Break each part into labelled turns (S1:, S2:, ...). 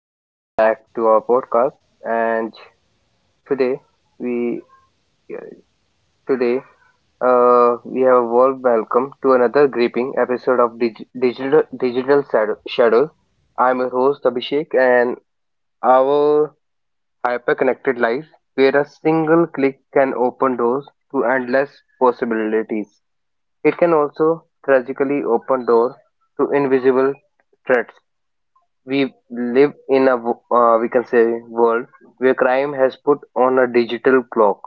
S1: welcome back to our podcast. And today we today We have a warm welcome to another gripping episode of Shadows. I'm your host Abhishek, and our hyper-connected life, where a single click can open doors to endless possibilities. It can also tragically open door to invisible threats. We live in a wo- we can say world where crime has put on a digital clock.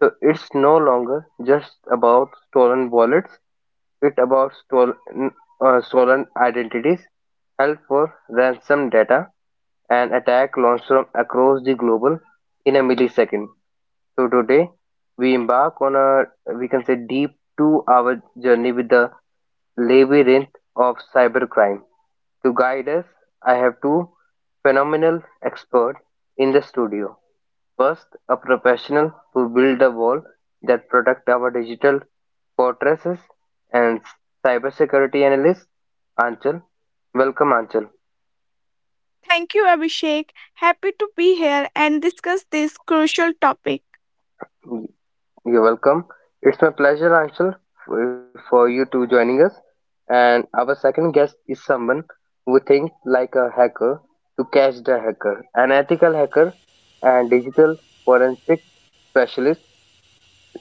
S1: So it's no longer just about stolen wallets, it's about stolen identities held for ransom data, and attack launched from across the global in a millisecond. So today we embark on a we can say deep 2 hour journey with the levy range of cybercrime. To guide us, I have two phenomenal experts in the studio. First, a professional who built the wall that protect our digital fortresses and cybersecurity analyst Anchal. Welcome Anchal.
S2: Thank you, Abhishek. Happy to be here and discuss this crucial topic.
S1: You're welcome. It's my pleasure, Anshul, for you to joining us. And our second guest is someone who thinks like a hacker to catch the hacker, an ethical hacker and digital forensic specialist,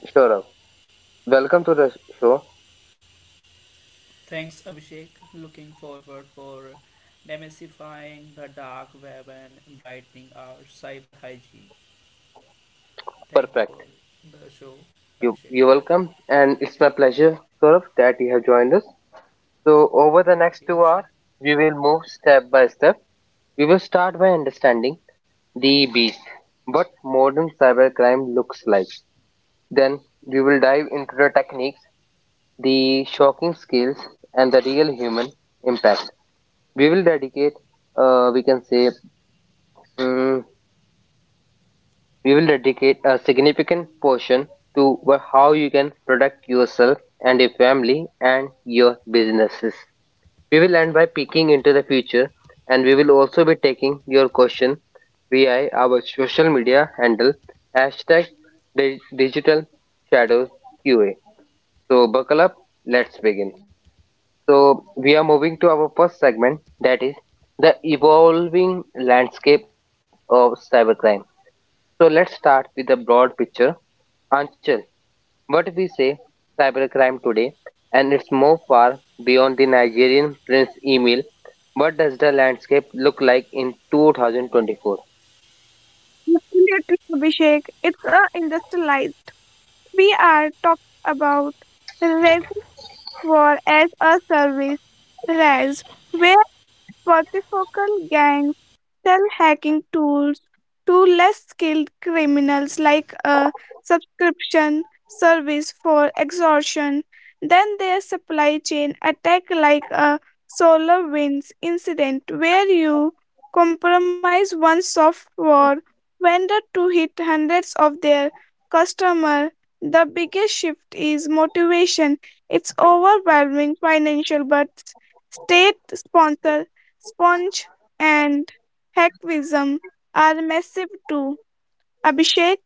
S1: Saurabh. Welcome to the show.
S3: Thanks, Abhishek. Looking forward for demystifying the dark web and brightening our cyber hygiene. Thank you for
S1: Perfect.
S3: the show,
S1: You
S3: Abhishek.
S1: you're welcome. And it's my pleasure, Saurabh, that you have joined us. So over the next
S3: Okay,
S1: 2 hours,
S3: Abhishek.
S1: we will move step by step. We will start by understanding the beast. What modern cybercrime looks like. Then we will dive into the techniques, the shocking skills, and the real human impact. We will dedicate, we can say, mm we will dedicate a significant portion to how you can protect yourself and your family and your businesses. We will end by peeking into the future, and we will also be taking your question via our social media handle hashtag digital shadows QA. So buckle up, let's begin. So we are moving to our first segment, that is the evolving landscape of cybercrime. So let's start with the broad picture. Anchal, what we say cybercrime today, and it's more far beyond the Nigerian Prince Emil. What does the landscape look like in 2024?
S2: Absolutely, Abhishek. It's a industrialized. We are talking about reservoir as a service, RAS, where multifocal gangs sell hacking tools to less skilled criminals like a subscription service for extortion. Then their supply chain attack like a solar winds incident where you compromise one software vendor to hit hundreds of their customer. The biggest shift is motivation. It's overwhelming financial but state sponsor Sponge and Hackwism are massive too. Abhishek,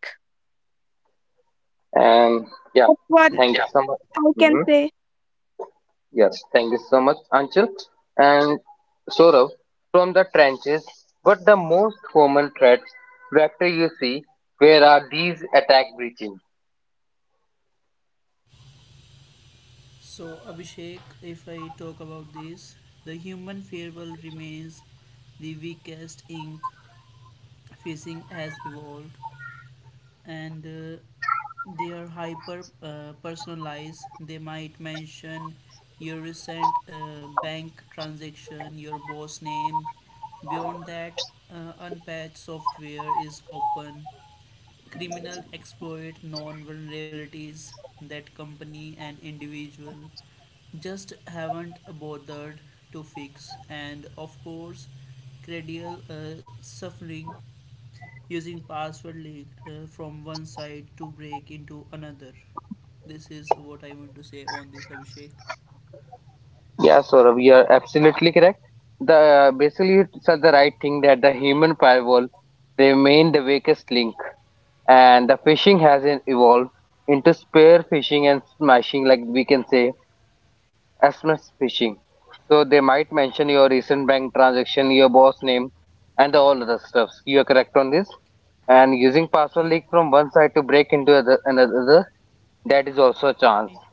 S1: And yeah,
S2: that's one
S1: thank you so much.
S2: I can
S1: Hmm
S2: say.
S1: Yes, thank you so much, Anchal and Saurav. From the trenches, what the most common threats vector you see? Where are these attack breaching?
S3: So, Abhishek, if I talk about this, the human firewall remains the weakest ink facing has evolved and they are hyper personalized. They might mention your recent bank transaction, your boss name. Beyond that, unpatched software is open. Criminal exploit known vulnerabilities that company and individual just haven't bothered to fix, and of course, credible suffering using password leaked from one site to break into another. This is what I want to say on this, Abhishek.
S1: Yeah, Saurabh, you are absolutely correct. The Basically you said the right thing that the human firewall remained the weakest link, and the phishing has evolved into spear phishing and smashing, like we can say SMS phishing. So they might mention your recent bank transaction, your boss name, and all other stuff. You are correct on this. And using password leak
S3: Ye-
S1: from one side to break into other, another, that is also a chance.
S3: ye-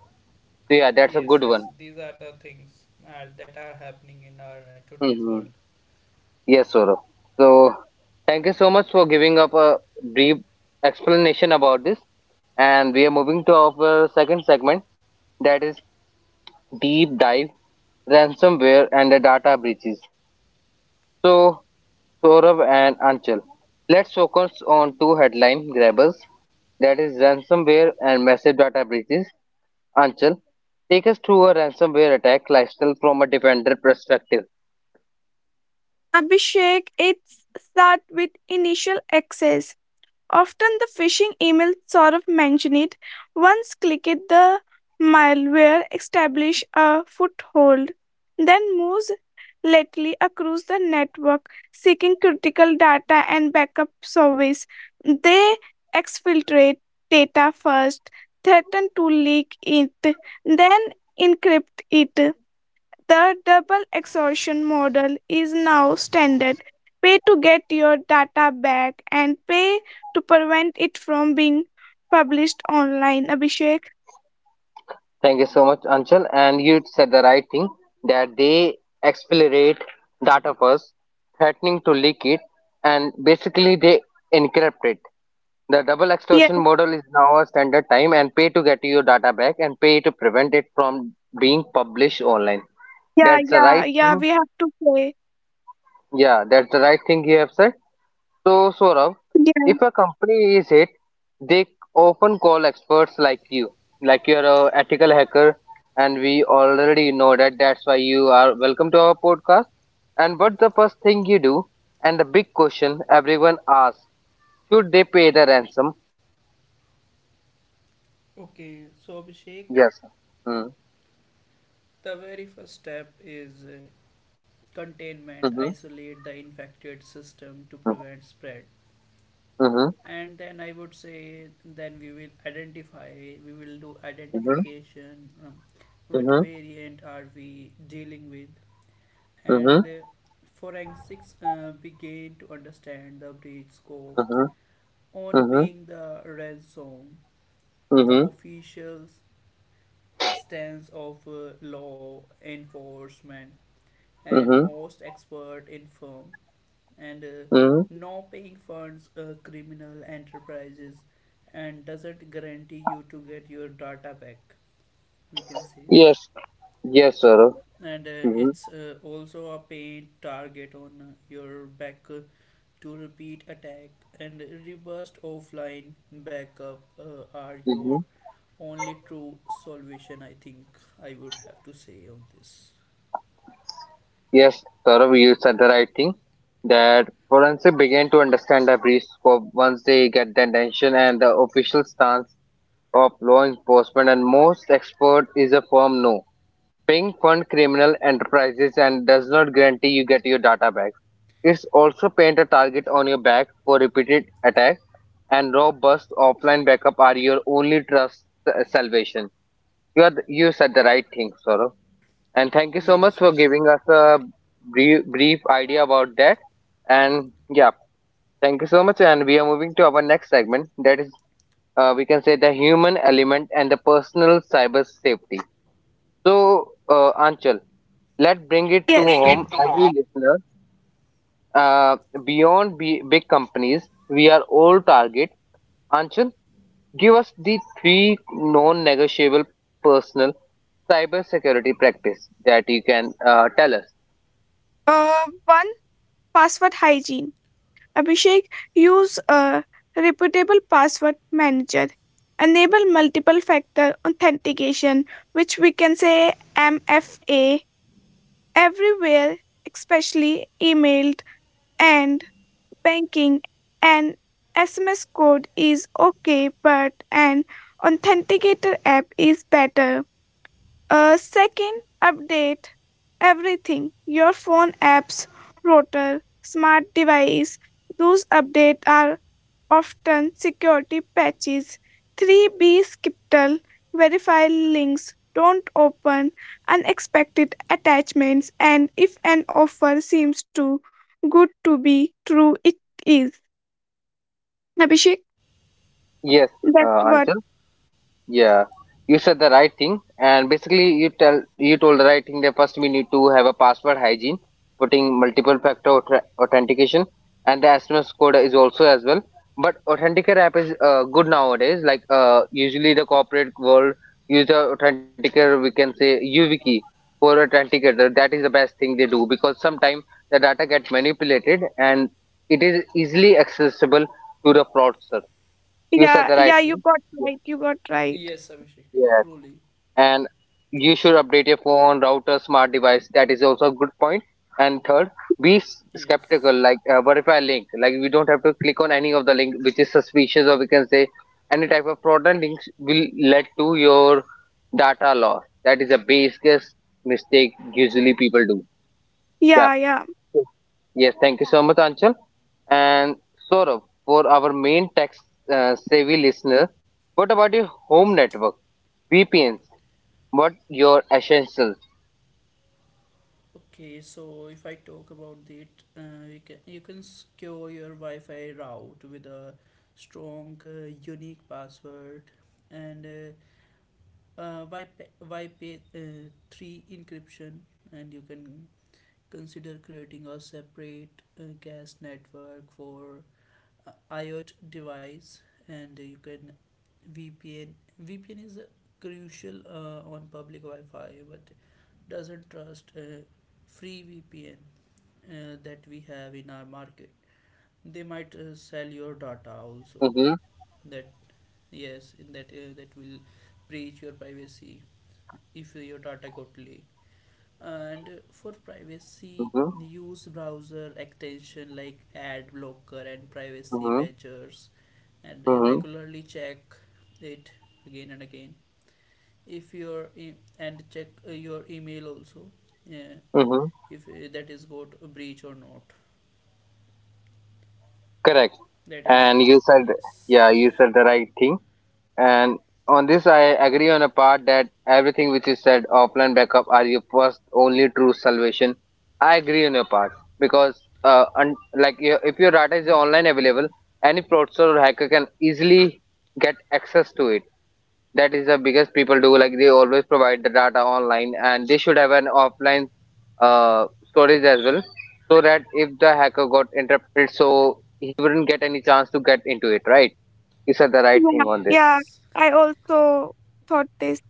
S1: So yeah, that's a good
S3: Yes,
S1: one.
S3: yes, these are the things that are happening in our today's
S1: Hmm
S3: world.
S1: Yes, Saurabh. So, thank you so much for giving up a brief explanation about this. And we are moving to our second segment, that is deep dive, ransomware, and the data breaches. So, Saurabh and Anchal, let's focus on two headline grabbers, that is ransomware and massive data breaches. Anchal, take us through a ransomware attack lifestyle from a defender perspective.
S2: Abhishek, it's start with initial access. Often the phishing email sort of mention it. Once click it, the malware establish a foothold, then moves lately across the network, seeking critical data and backup service. They exfiltrate data first, threaten to leak it, then encrypt it. The double exhaustion model is now standard. Pay to get your data back and pay to prevent it from being published online. Abhishek?
S1: Thank you so much, Anchal. And you said the right thing that they accelerate data first, threatening to leak it, and basically they encrypt it. The double
S2: Yeah,
S1: extortion model is now a standard time, and pay to get your data back and pay to prevent it from being published online.
S2: yeah,
S1: That's the
S2: yeah,
S1: right
S2: yeah,
S1: thing.
S2: we have to pay.
S1: Yeah, that's the right thing you have said. So, Saurabh,
S2: Yeah,
S1: if a company is hit, they often call experts like you, like you're a ethical hacker, and we already know that. That's why you are welcome to our podcast. And what's the first thing you do? And the big question everyone asks: should they pay the ransom?
S3: Okay, so Abhishek,
S1: Yes. Mm.
S3: the very first step is containment,
S1: Mhm.
S3: isolate the infected system to
S1: Mm.
S3: prevent spread.
S1: Mhm.
S3: And then I would say, then we will do identification, what
S1: Mhm.
S3: variant are we dealing with
S1: Mhm.
S3: and forensics began to understand the breach scope.
S1: Mhm.
S3: On
S1: Mhm.
S3: paying the ransom,
S1: Mhm.
S3: the
S1: Mhm.
S3: official stance of law enforcement and
S1: Mhm.
S3: most expert in firm, and
S1: Mhm.
S3: no paying funds criminal enterprises and doesn't guarantee you to get your data back, we can say.
S1: Yes. Yes, Saurabh.
S3: And it's also a paid target on your back to repeat attack, and reversed offline backup are your
S1: Mhm.
S3: only true solution, I think, I would have to say on this.
S1: Yes, Saurabh, you said the right thing. That forensic begin to understand the breach scope once they get the attention, and the official stance of law enforcement and most expert is a firm no. Paying fund criminal enterprises and does not guarantee you get your data back. It's also paint a target on your back for repeated attack, and robust offline backup are your only trust salvation. You said the right thing, Saurabh. And thank you so much
S3: Yes,
S1: for
S3: Abhishek,
S1: giving us a
S3: thank you.
S1: brief idea about that. And yeah, thank you so much. And we are
S3: Okay.
S1: moving to our next segment, that is, the human element and the personal cyber safety. So, Anchal, let's bring it to
S2: yes.
S1: home every listener. Uh, beyond big companies, we are all target. Anchal, give us the three non-negotiable personal cybersecurity practice that you can tell us.
S2: One, password hygiene. Abhishek, use a reputable password manager. Enable multiple factor authentication, which we can say MFA, everywhere, especially email and banking. An sms code is okay, but an authenticator app is better. Second, update everything, your phone, apps, router, smart device. Those updates are often security patches. 3B skeptical, verify links, don't open unexpected attachments, and if an offer seems too good to be true, it is. Abhishek,
S1: Yes,
S2: that's what.
S1: Anchal. Yeah, you said the right thing, and basically you told the right thing that first we need to have a password hygiene, putting multiple factor authentication, and the SMS code is also as well. But Authenticator app is good nowadays. Like usually the corporate world use the Authenticator. We can say YubiKey for Authenticator. That is the best thing they do, because sometimes the data get manipulated and it is easily accessible to the fraudster. You said
S2: yeah,
S1: the right
S2: yeah, you
S1: thing.
S2: got
S1: Yeah.
S2: right, you got right.
S3: Yes, Abhishek,
S1: Yes.
S3: truly.
S1: And you should
S3: True.
S1: update your phone, router, smart device. That is also a good point. And third, be
S3: Yes.
S1: skeptical, like verify link. Like we don't have to click on any of the link which is suspicious, or we can say any type of fraudulent links will lead to your data loss. That is the biggest mistake usually people do. Yeah.
S2: Yeah, yeah.
S1: Yes. Thank you so much, Anchal. And Saurabh, for our main tech savvy listener, what about your home network? VPNs, what your essentials.
S3: Okay, so if I talk about that, you can secure your Wi-Fi route with a strong, unique password and YP, 3 encryption, and you can consider creating a separate gas network for IoT device, and you can VPN. VPN is crucial on public Wi-Fi, but doesn't trust free VPN that we have in our market. They might sell your data also.
S1: Mm-hmm,
S3: That yes in that That will breach your privacy if your data got leaked, and for privacy
S1: mm-hmm,
S3: use browser extension like ad blocker and privacy
S1: mm-hmm,
S3: badgers, and
S1: mm-hmm,
S3: regularly check it again and again. If your e- And check your email also, Yeah,
S1: mm-hmm.
S3: if that is got a breach or not.
S1: Correct.
S3: That is,
S1: And you said, yeah, you
S3: yes.
S1: said the right thing. And on this, I agree on a part that everything which is said, offline backup are your first, only true salvation. I agree on your part because, like, your, if your data is online available, any fraudster or hacker can easily get access to it. That is the biggest people do. Like they always provide the data online, and they should have an offline storage as well, so that if the hacker got interrupted, so he wouldn't get any chance to get into it. Right? You said the right
S2: Yeah,
S1: thing on this.
S2: yeah.
S3: Yes.
S2: I also thought this.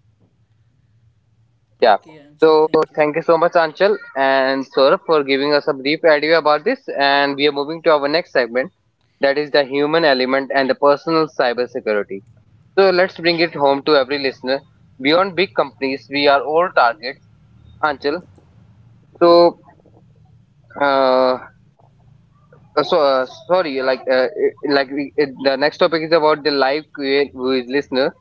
S1: Yeah.
S3: Okay, Anshul,
S1: So
S3: thank you.
S1: thank you so much, Anchal and Saurabh, for giving us a brief idea about this, and we are moving to our next segment, that is the human element and the personal cybersecurity. So let's bring it home to every listener. Beyond big companies, we are all targets. Anchal, so, uh, sorry, the next topic is about the live Q&A with listener.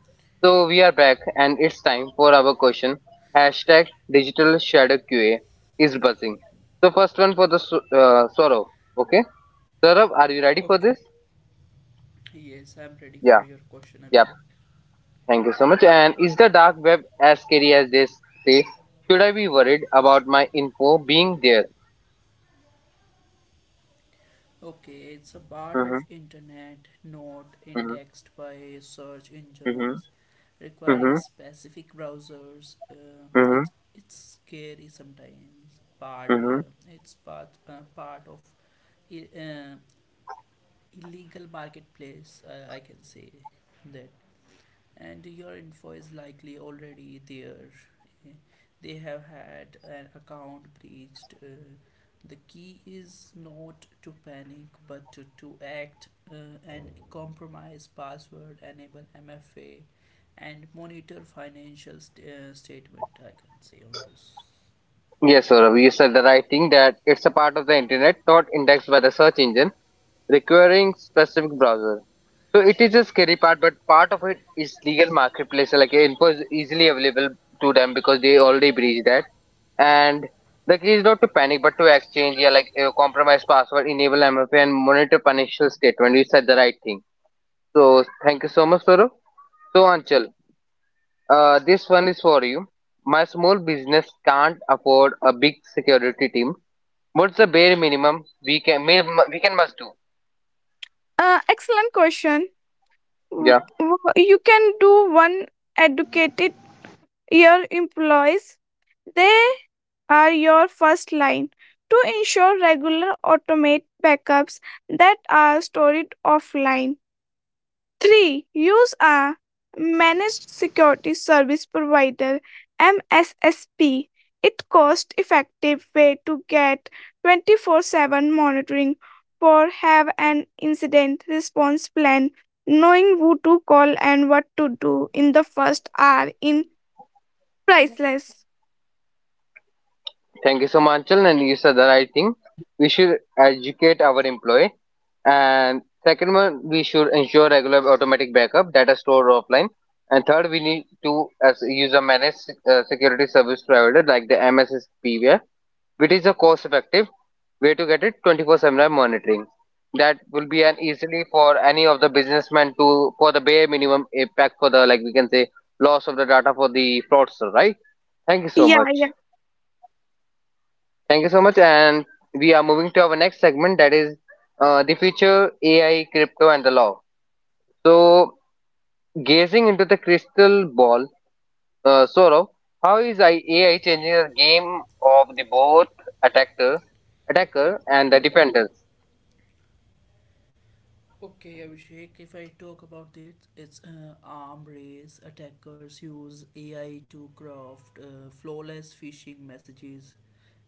S1: So we are back, and it's time for our question. Hashtag digital shadow QA is buzzing. So first one for the Saurabh. Okay, Saurabh, are you ready for
S3: Okay.
S1: this?
S3: Yes, I'm ready for
S1: Yeah,
S3: your question,
S1: yeah.
S3: Abhishek.
S1: Thank you so much. And is the dark web as scary as they say? Should I be worried about my info being there?
S3: Okay, it's a part
S1: Mm-hmm,
S3: of internet not
S1: mm-hmm,
S3: indexed by search
S1: mm-hmm,
S3: engines, requiring specific browsers.
S1: mm-hmm,
S3: It's scary sometimes, but
S1: mm-hmm.
S3: it's part of i- uh, illegal marketplace, I can say. That And your info is likely already there. Eh, They have had an account breached. The key is not to panic but to act and compromise password, enable MFA, and monitor financial statement, I can say on this.
S1: Yes, Saurav, you said the right thing that it's a part of the internet not indexed by the search engine, requiring specific browser. So it is a scary part, but part of it is legal marketplace, like info is easily available to them because they already breached that. And the key is not to panic, but to exchange, yeah, like compromise password, enable MFA, and monitor financial statement. You said the right thing. So thank you so much, Saurav. So Anchal, this one is for you. My small business can't afford a big security team. What's the bare minimum we can must do?
S2: Excellent question.
S1: Yeah,
S2: You can do one, educated your employees. They are your first line. To ensure regular automate backups that are stored offline. 3. Use a managed security service provider, MSSP. It cost effective way to get 24/7 monitoring or have an incident response plan. Knowing who to call and what to do in the first hour in priceless.
S1: thank you so much, Anchal, and you said the right thing. We should educate our employee, and second one, we should ensure regular automatic backup data stored offline, and third, we need to as user manage security service provider like the MSSP, which is a cost effective way to get it 24/7 monitoring. That will be an easily for any of the businessmen to for the bare minimum impact for the, like we can say, loss of the data for the fraudster, right? Thank you so
S2: Yeah.
S1: much. Thank you so much and we are moving to our next segment, that is the future ai crypto and the law. So gazing into the crystal ball, Saurabh, how is ai changing the game of the both attackers attacker and the defenders?
S3: Okay, Abhishek, if I talk about it, it's arm race. Attackers use AI to craft flawless phishing messages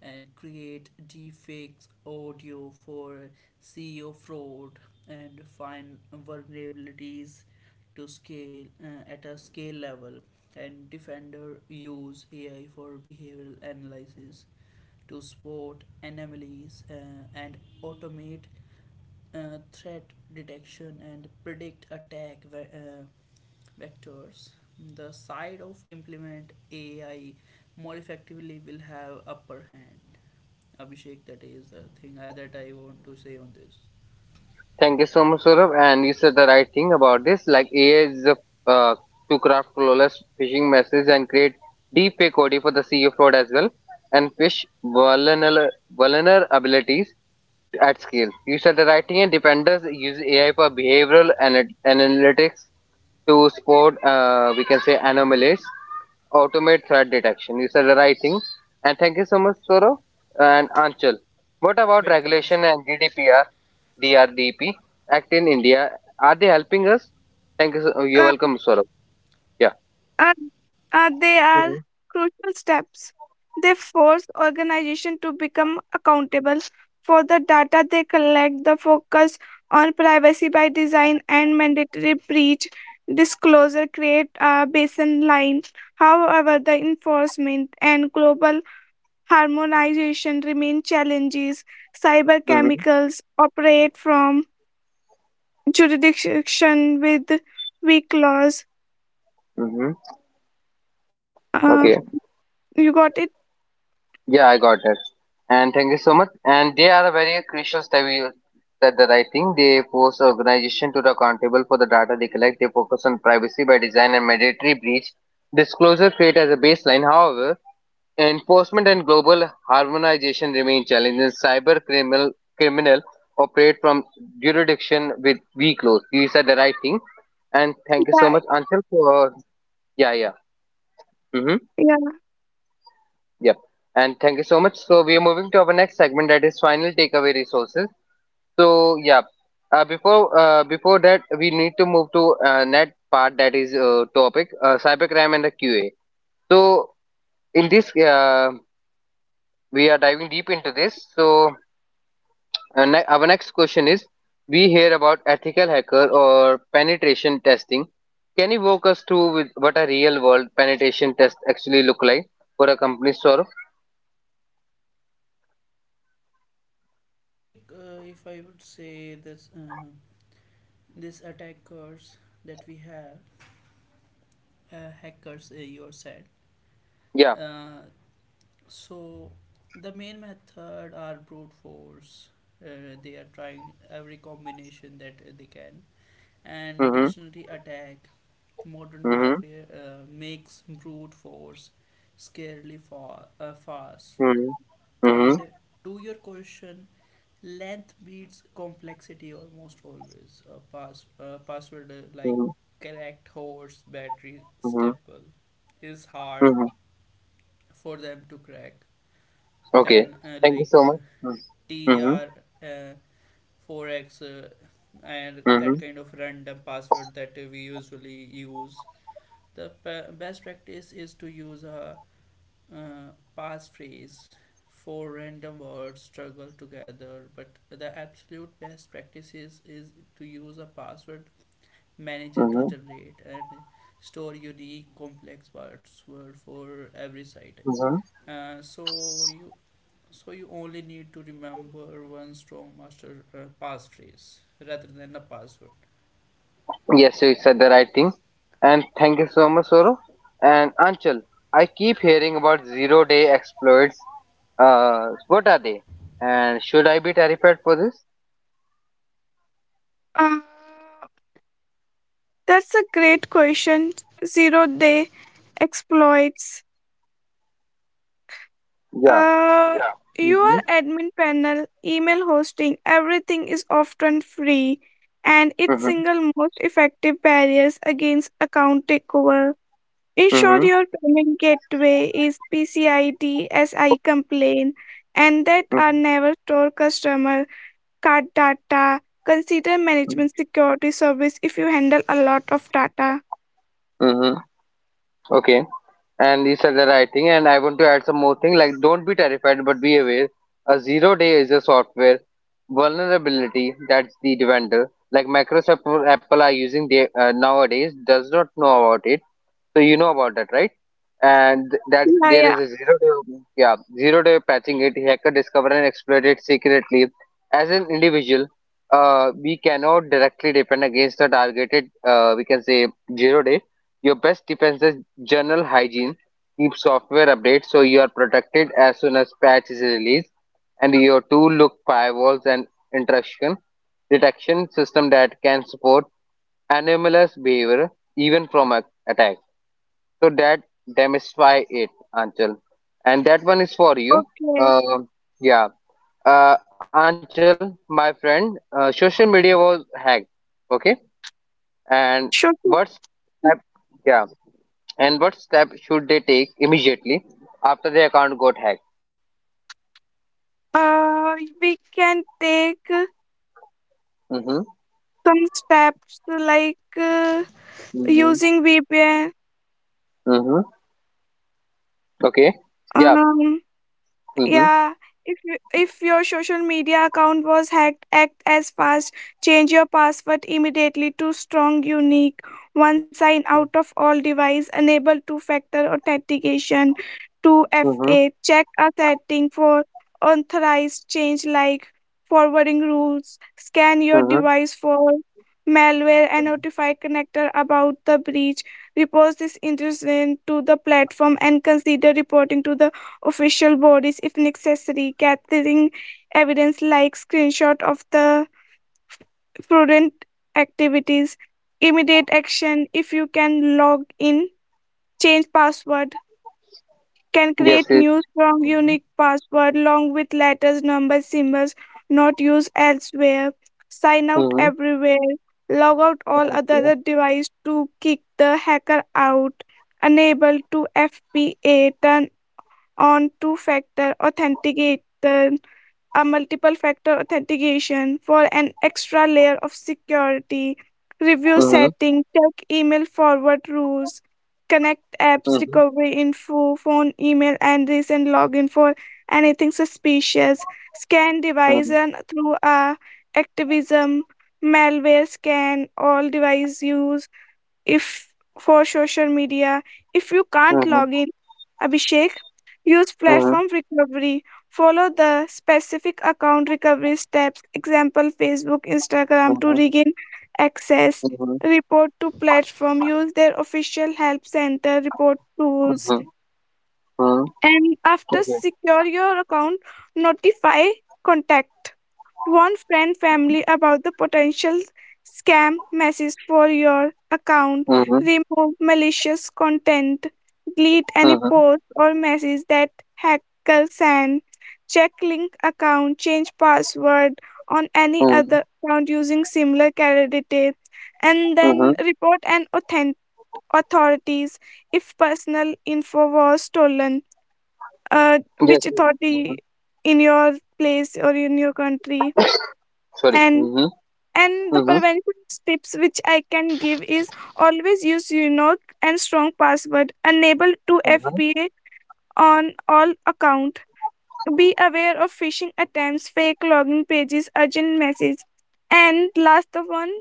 S3: and create deepfakes audio for SEO fraud and find vulnerabilities to scale at a scale level, and defender use AI for behavioral analysis to spot anomalies and automate threat detection and predict attack vectors. The side of implement AI more effectively will have upper hand. Abhishek, that is the that I want to say on this.
S1: Thank you so much, Saurabh. And you said the right thing about this. Like AI is a, uh, to craft flawless phishing messages and create deep fake OD for the CEO fraud as well, and fish vulnerabilities at scale. You said the right thing, and defenders use AI for behavioral and analytics to spot, we can say, anomalies, automate threat detection. You said the right thing. And thank you so much, Saurabh and Anchal. What about
S3: Welcome, Abhishek.
S1: regulation and GDPR? DRDP Act in India. Are they helping us? Thank you, sir. Oh, you're welcome, Saurabh. Yeah.
S2: Uh, they are
S1: Mm-hmm.
S2: crucial steps. They force organization to become accountable for the data they collect, the focus on privacy by design and mandatory breach disclosure create a baseline. However, the enforcement and global harmonization remain challenges. Cyber
S1: Mm-hmm.
S2: chemicals operate from jurisdiction with weak laws.
S1: Mm-hmm. Okay.
S2: Um, you got it?
S1: Yeah, I got that. And thank you so much. And they are a very crucial step. You said the right thing. They force organization to be accountable for the data they collect. They focus on privacy by design and mandatory breach disclosure create as a baseline. However, enforcement and global harmonization remain challenges. Criminal operate from jurisdiction with weak laws. You said the right thing. And thank you so
S2: Yeah,
S1: much, Anshul, for yeah, Mm-hmm.
S2: yeah.
S1: Yep. And thank you so much. So we are moving to our next segment that is final takeaway resources. So yeah. Before before that, we need to move to net part that is topic cybercrime and the QA. So in this, we are diving deep into this. So our next question is we hear about ethical hacker or penetration testing. Can you walk us through with what a real world penetration test actually look like for a company sort?
S3: Abhishek, if I would say this, this attackers that we have, hackers, you said.
S1: Yeah.
S3: Uh, so the main method are brute force. They are trying every combination that they can, and
S1: Mm-hmm,
S3: dictionary attack. Modern
S1: mm-hmm,
S3: hardware makes brute force scarily fast.
S1: mm-hmm, mm-hmm,
S3: And to your question, length beats complexity almost always. A password like correct horse battery
S1: mm-hmm,
S3: staple is hard
S1: mm-hmm.
S3: for them to crack.
S1: Okay,
S3: Then
S1: thank you
S3: like
S1: so much. Mm-hmm, mm-hmm,
S3: TR 4x and that kind of random password that we usually use. Best practice is to use a uh, passphrase. Four random words struggle together, but the absolute best practices is to use a password manager to
S1: mm-hmm,
S3: generate and store unique complex password for every site.
S1: mm-hmm.
S3: Uh, so you so you only need to remember one strong master passphrase rather than a password.
S1: Yes, you said the right thing. And thank you so much, Soro. And Anchal, I keep hearing about 0 day exploits. What are they? And should I be terrified for this?
S2: Uh, that's a great question. Zero day exploits.
S1: Yeah.
S2: Yeah.
S1: Mm-hmm.
S2: Your admin panel, email hosting, everything is often free, and its
S1: Mm-hmm.
S2: single most effective barriers against account takeover. Ensure
S1: Mm-hmm.
S2: your payment gateway is PCID SI complaint and that are
S1: Mm-hmm.
S2: never store customer card data. Consider management security service if you handle a lot of data.
S1: Mm-hmm. Okay. And you said the right thing. And I want to add some more thing like don't be terrified, but be aware. A 0 day is a software vulnerability that's the vendor. Like Microsoft or Apple are using they, nowadays does not know about it. So you know about that, right? And that
S2: Yeah.
S1: there
S2: yeah,
S1: is a 0 day, yeah, 0 day patching it. Hacker discovered and exploited secretly. As an individual, we cannot directly depend against the targeted. We can say 0 day. Your best defense is general hygiene. Keep software updates so you are protected as soon as patch is released. And your tool look firewalls and intrusion detection system that can support anomalous behavior even from a attack. So that demystify it, Anchal. And that one is for you.
S2: Okay.
S1: Uh, yeah. Anchal, my friend, social media was hacked. Okay. And
S2: Sure.
S1: what
S2: sure.
S1: step? Yeah. And what step should they take immediately after their account got hacked?
S2: Uh, we can take
S1: Mm-hmm.
S2: some steps like
S1: Mm-hmm.
S2: using VPN.
S1: Mm-hmm. Okay. Yeah.
S2: Um,
S1: Mm-hmm.
S2: Yeah, if your social media account was hacked, act as fast. Change your password immediately to strong, unique, one. Sign out of all device, enable two-factor authentication,
S1: Mm-hmm.
S2: 2FA. Check a setting for authorized change like forwarding rules. Scan your
S1: Mm-hmm.
S2: device for malware and notify connector about the breach. Report this incident to the platform and consider reporting to the official bodies if necessary, gathering evidence like screenshot of the fraudulent activities. Immediate action: if you can log in, change password, can
S1: Yes.
S2: create
S1: Yes.
S2: new strong
S1: Mm-hmm.
S2: unique password along with letters, numbers, symbols not used elsewhere. Sign out
S1: Mm-hmm.
S2: everywhere, log out all
S1: Okay.
S2: other device to kick the hacker out. Enable to FPA, turn on two factor authenticator, a multiple factor authentication for an extra layer of security. Review
S1: Mm-hmm.
S2: setting, check email forward rules, connect
S1: Mm-hmm.
S2: apps recovery info, phone email and recent login for anything suspicious. Scan device
S1: Mm-hmm.
S2: and through a activism malware scan all device use. If for social media, if you can't
S1: Mm-hmm.
S2: log in, Abhishek, use platform recovery, follow the specific account recovery steps, example Facebook, Instagram, to
S1: Mm-hmm.
S2: regain access.
S1: Mm-hmm.
S2: Report to platform, use their official help center report tools,
S1: Mhm, mhm.
S2: and after
S1: Okay.
S2: secure your account, notify contact. Warn friend family about the potential scam message for your account.
S1: Mhm,
S2: Remove malicious content. Delete any
S1: mhm,
S2: post or message that hackers send. Check link account. Change password on any
S1: mhm,
S2: other account using similar credentials. And
S1: mhm.
S2: then report and authentic authorities if personal info was stolen.
S1: Yes.
S2: Which authority
S1: Mhm.
S2: in your place or in your country?
S1: Sorry.
S2: And
S1: Mhm,
S2: and the
S1: mhm,
S2: prevention tips which I can give is: always use unique and strong password, enable to
S1: mhm.
S2: FBA on all account, be aware of phishing attempts, fake login pages, urgent messages, and last of one,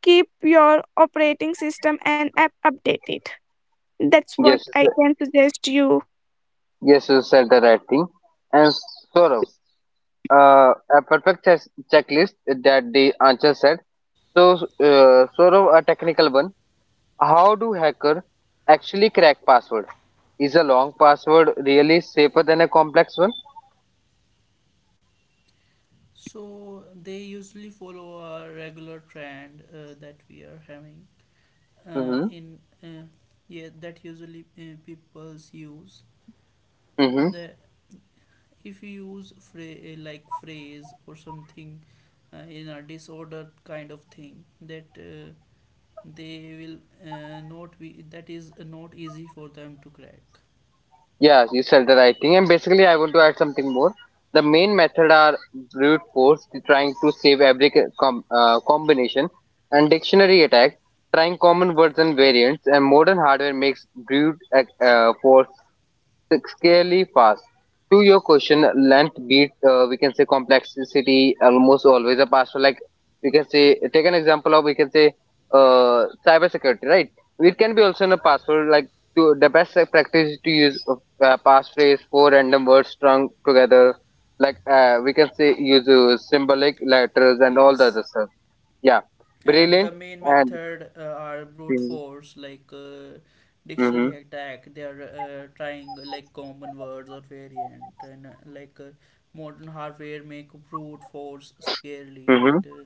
S2: keep your operating system and app updated. That's what
S1: Yes, you
S2: I
S1: said-
S2: can suggest you.
S1: yes, you said the right thing. And sort of, uh, a perfect checklist that the answer said. So, sort of a technical one. How do hacker actually crack password? Is a long password really safer than a complex one?
S3: So they usually follow a regular trend that we are having.
S1: Mm-hmm.
S3: In Yeah, that usually people's use
S1: Mm-hmm.
S3: the if you use fra like phrase or something in a disorder kind of thing that they will not be, that is not easy for them to crack.
S1: Yeah, you said the right thing. And basically, I want to add something more. The main method are brute force, the trying to save every combination, and dictionary attack, trying common words and variants. And modern hardware makes brute force scarcely fast. To your question, length beat, we can say complexity almost always a pastor. Like we can say, take an example of we can say cybersecurity, right? It can be also in a password. Like to, the best practice is to use passphrase, four random words strung together. Like we can say use symbolic letters and all the
S3: Yes.
S1: other stuff. Yeah,
S3: And the
S1: brilliant
S3: main
S1: and
S3: method are brute
S1: mm-hmm,
S3: force, like
S1: mm-hmm.
S3: dictionary attack. They are trying like common words or variant, and modern hardware make brute force scarily,
S1: Mm-hmm.
S3: and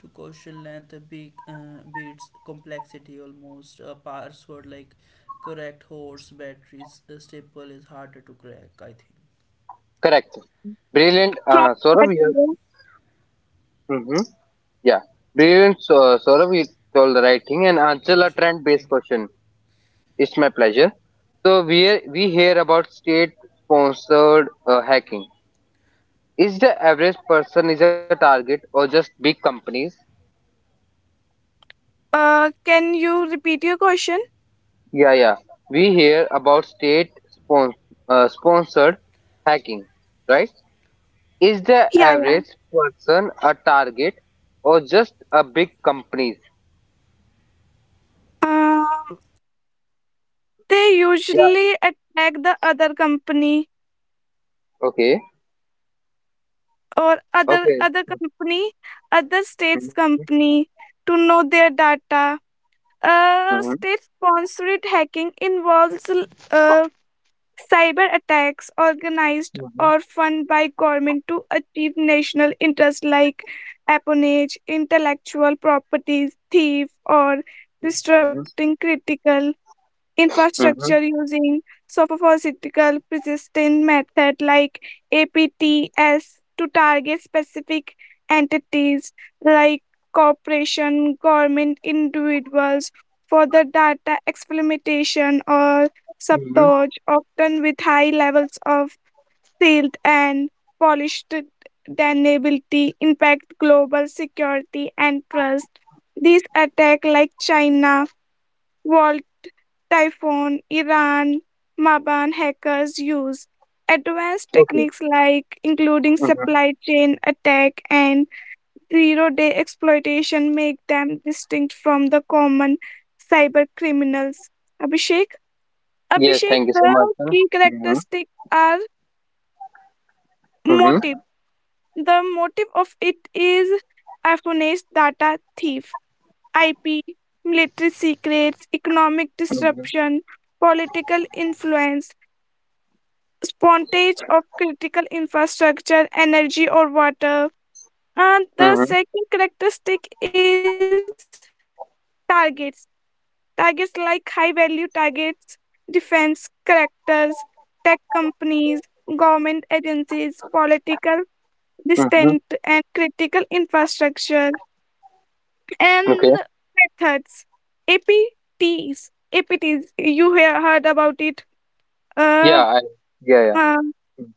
S3: to question, length beats complexity almost a password, like correct horse batteries staple is harder to crack, I think.
S1: Correct. Brilliant,
S2: True. But,
S1: Saurabh. Yeah. Yeah, brilliant, so, Saurav. You told the right thing and
S3: Thank you,
S1: answer a
S3: Abhishek.
S1: trend-based
S3: Thank you.
S1: question. It's my pleasure. So we hear about state-sponsored hacking. Is the average person is a target or just big companies?
S2: Can you repeat your question?
S1: Yeah, yeah. We hear about state-sponsored sponsored hacking, right? Is the
S2: Yeah, yeah.
S1: average person a target or just a big companies?
S2: Um, they
S1: Yeah.
S2: usually attack the other company,
S1: Okay.
S2: or other
S1: Okay.
S2: other company, other states
S1: Hmm.
S2: company, to know their data. State sponsored hacking involves cyber attacks organized or funded by government to achieve national interests like espionage, intellectual properties thief, or
S1: Hmm.
S2: disrupting critical infrastructure
S1: Hmm.
S2: using soprophysical persistent method like APTS to target specific entities like corporation, government, individuals for the data experimentation or
S1: Mm-hmm.
S2: subtorch, often with high levels of sealed and polished deniability, impact global security and trust. These attack like China, Wall. Typhoon, Iran, Maban hackers use advanced
S1: Okay.
S2: techniques like including
S1: Mm-hmm.
S2: supply chain attack and zero day exploitation make them distinct from the common cyber criminals. Abhishek,
S1: Yes, thank you so much,
S2: The
S1: sir.
S2: key
S1: Mm-hmm.
S2: characteristics are
S1: Mm-hmm.
S2: motive. The motive of it is Iphone data thief, IP, military secrets, economic
S1: Mm-hmm.
S2: disruption, political influence, spontage of critical infrastructure, energy, or water. And the
S1: Mm-hmm.
S2: second characteristic is targets. Targets like high value targets, defense characters, tech companies, government agencies, political distant,
S1: Mm-hmm.
S2: and critical infrastructure.
S1: Okay.
S2: And methods, APTs. APTs, you have heard about it. Uh,
S1: Yeah. I, yeah. Yeah.
S2: uh,
S1: Mm.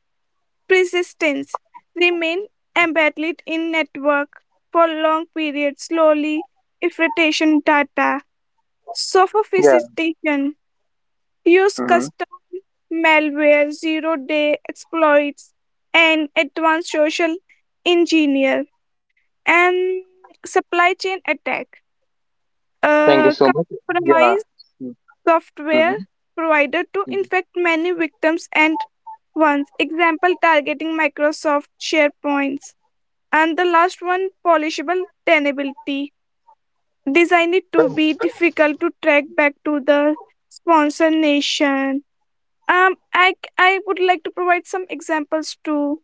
S2: Persistence. Remain embedded in network for long periods, slowly infiltration data.
S1: Yeah.
S2: Sophistication. Use
S1: Mm-hmm.
S2: custom malware, zero-day exploits, and advanced social engineer. And supply chain attack.
S1: Thank you
S2: Uh,
S1: so much. Yeah.
S2: compromise software
S1: Mm-hmm.
S2: provider to
S1: Mm-hmm.
S2: infect many victims, and once example targeting Microsoft sharepoints. And the last one, polishable tenability. Design it to be difficult to track back to the sponsor nation. I would like to provide some examples too,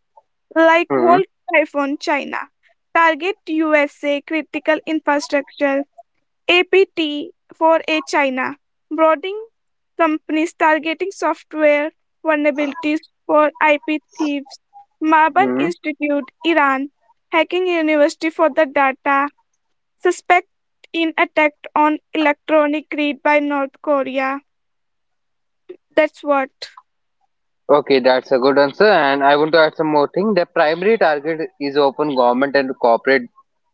S2: like
S1: Mm-hmm.
S2: World Typhoon China. Target USA critical infrastructure. APT for a China, broadening companies targeting software vulnerabilities for IP thieves. Marban
S1: Mm-hmm.
S2: Institute, Iran, hacking university for the data. Suspect in attack on electronic grid by North Korea. That's what.
S1: Okay, that's a good answer. And I want to add some more thing. The primary target is often government and corporate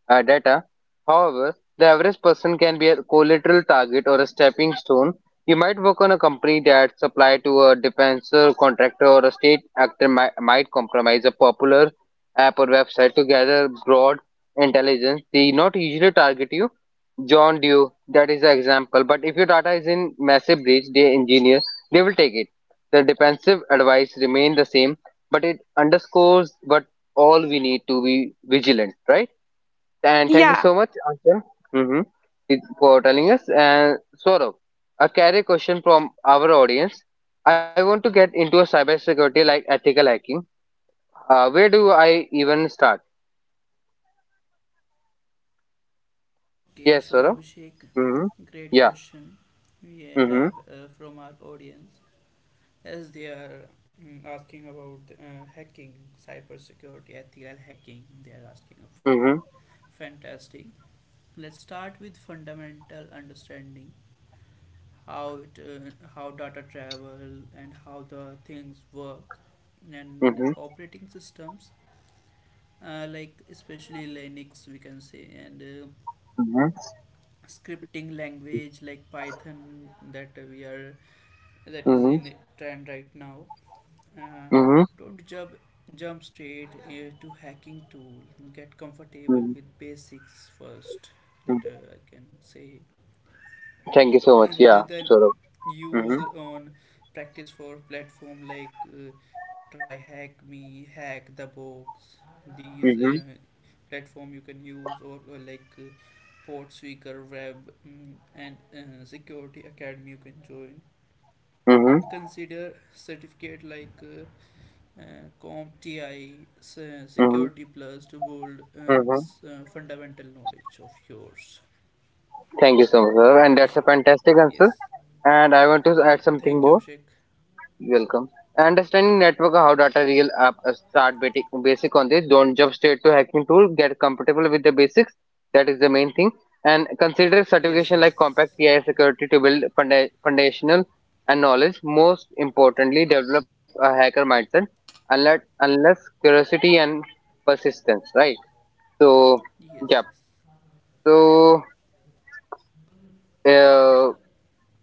S1: data. However, the average person can be a collateral target or a stepping stone. You might work on a company that supply to a defensor, contractor, or a state actor might compromise a popular app or website to gather broad intelligence. They not usually target you. John Dew, that is an example. But if your data is in massive breach, they engineer, they will take it. The defensive advice remain the same, but it underscores what all we need to be vigilant, right? And thank you
S2: Yeah,
S1: so much, Anshul, mhm, for telling us. And Saurabh, I carry a question from our audience. I want to get into a cybersecurity like ethical hacking. Where do I even start?
S3: Okay,
S1: Yes,
S3: so
S1: Saurabh.
S3: Abhishek,
S1: Mm-hmm.
S3: great
S1: Yeah.
S3: question we
S1: Mm-hmm.
S3: have from our audience, as they are asking about hacking, cybersecurity, ethical hacking. They are asking for
S1: Mm-hmm.
S3: fantastic. Let's start with fundamental understanding how how data travel and how the things work and
S1: Mm-hmm.
S3: operating systems, like especially Linux, we can say, and
S1: Mm-hmm.
S3: scripting language like Python, that we are that is
S1: Mm-hmm.
S3: in trend right now. Uh,
S1: Mm-hmm.
S3: don't jump straight to hacking tool. Get comfortable
S1: Mm-hmm.
S3: with basics first. That I can say.
S1: Thank you so much.
S3: and
S1: Yeah,
S3: uh, then
S1: Saurabh.
S3: use
S1: Mm-hmm.
S3: on practice for platform like Try Hack Me, Hack The Box. These
S1: Mm-hmm.
S3: platform you can use, or like Port Seeker Web, and Security Academy, you can join.
S1: Mm-hmm.
S3: And consider certificate like CompTI
S1: Mm-hmm.
S3: Security Plus to build
S1: Mm-hmm.
S3: fundamental knowledge of yours.
S1: Thank you so much, Saurabh. And that's
S3: Abhishek,
S1: a fantastic answer.
S3: yes.
S1: And I want to add
S3: Okay,
S1: something
S3: thank you,
S1: more.
S3: Abhishek.
S1: Welcome. Understanding network how data real app start basic on this. Don't jump straight to hacking tool. Get comfortable with the basics. That is the main thing. And consider
S3: Yes,
S1: certification like
S3: yes.
S1: Compact PI Security to build foundational and knowledge. Most importantly, develop a hacker mindset. Unless curiosity and persistence, right? So
S3: Yes,
S1: yeah.
S3: yes.
S1: So uh,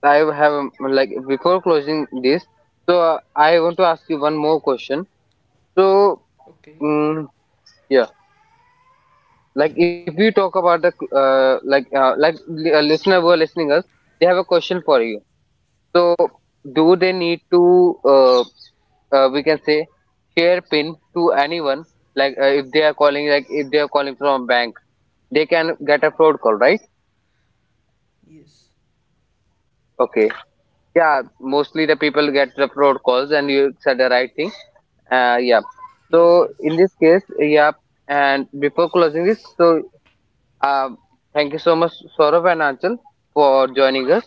S1: I have like before closing this. So I want to ask you one more question. So
S3: Okay,
S1: mm, yeah, like if we talk about the like a listener who are listening us, they have a question for you. So, do they
S3: okay.
S1: need to we can say share pin to anyone? Like if they are calling, like if they are calling from a bank, they can get a fraud call, right?
S3: Yes.
S1: Okay, yeah, mostly the people get the fraud calls, and you said the right thing. Yeah.
S3: Yes,
S1: So in
S3: yes.
S1: this case, yeah, and before closing this, so um, thank you so much, Saurav and Anchal, for joining us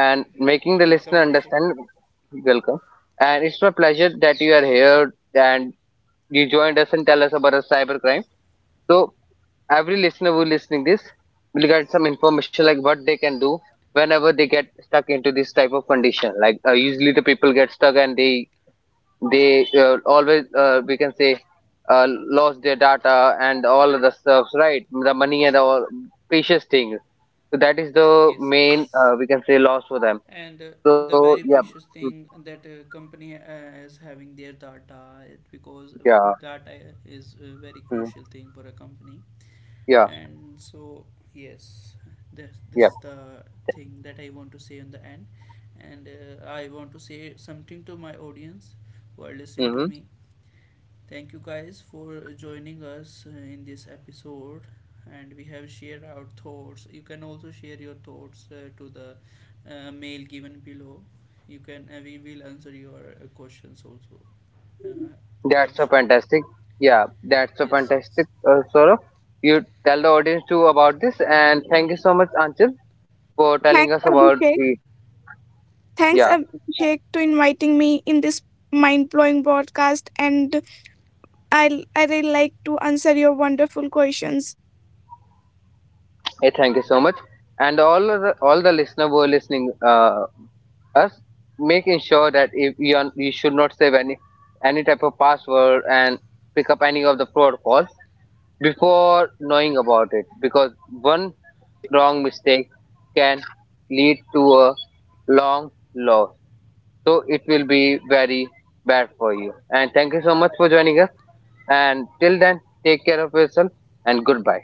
S1: and making the
S3: Welcome,
S1: listener
S3: Abhishek.
S1: understand. Welcome. And it's my pleasure that you are here and you joined us and tell us about a cybercrime. So every listener who listening this will get some information like what they can do whenever they get stuck into this type of condition. Like usually the people get stuck and they they always we can say uh, lost their data and all of the stuff right the money and all precious things so that is the
S3: Yes,
S1: main
S3: yes.
S1: we can say loss for them
S3: And
S1: so
S3: the
S1: yeah
S3: very precious
S1: mm,
S3: thing that a company is having their data, because
S1: yeah
S3: data is a very
S1: mm,
S3: crucial thing for a company.
S1: yeah
S3: And so, yes, this
S1: yeah
S3: is the thing that I want to say on the end. And I want to say something to my audience who are listening to
S1: hmm
S3: me. Thank you guys for joining us in this episode, and we have shared our thoughts. You can also share your thoughts to the mail given below. You can we will answer your questions also. Uh,
S1: that's a
S3: Abhishek.
S1: fantastic yeah that's a
S3: Yes,
S1: fantastic
S3: yes.
S1: sort you tell the audience too about this and thank you so much Anchal for telling
S2: thanks,
S1: us about
S2: Abhishek.
S1: the
S2: Thanks,
S1: yeah
S2: Abhishek, to inviting me in this mind-blowing broadcast, and I really like to answer your wonderful questions.
S1: hey, thank you so much and all the listener who are listening us making sure that if you, are, you should not save any type of password and pick up any of the protocols before knowing about it because one wrong mistake can lead to a long loss so it will be very bad for you and thank you so much for joining us and till then take care of yourself and goodbye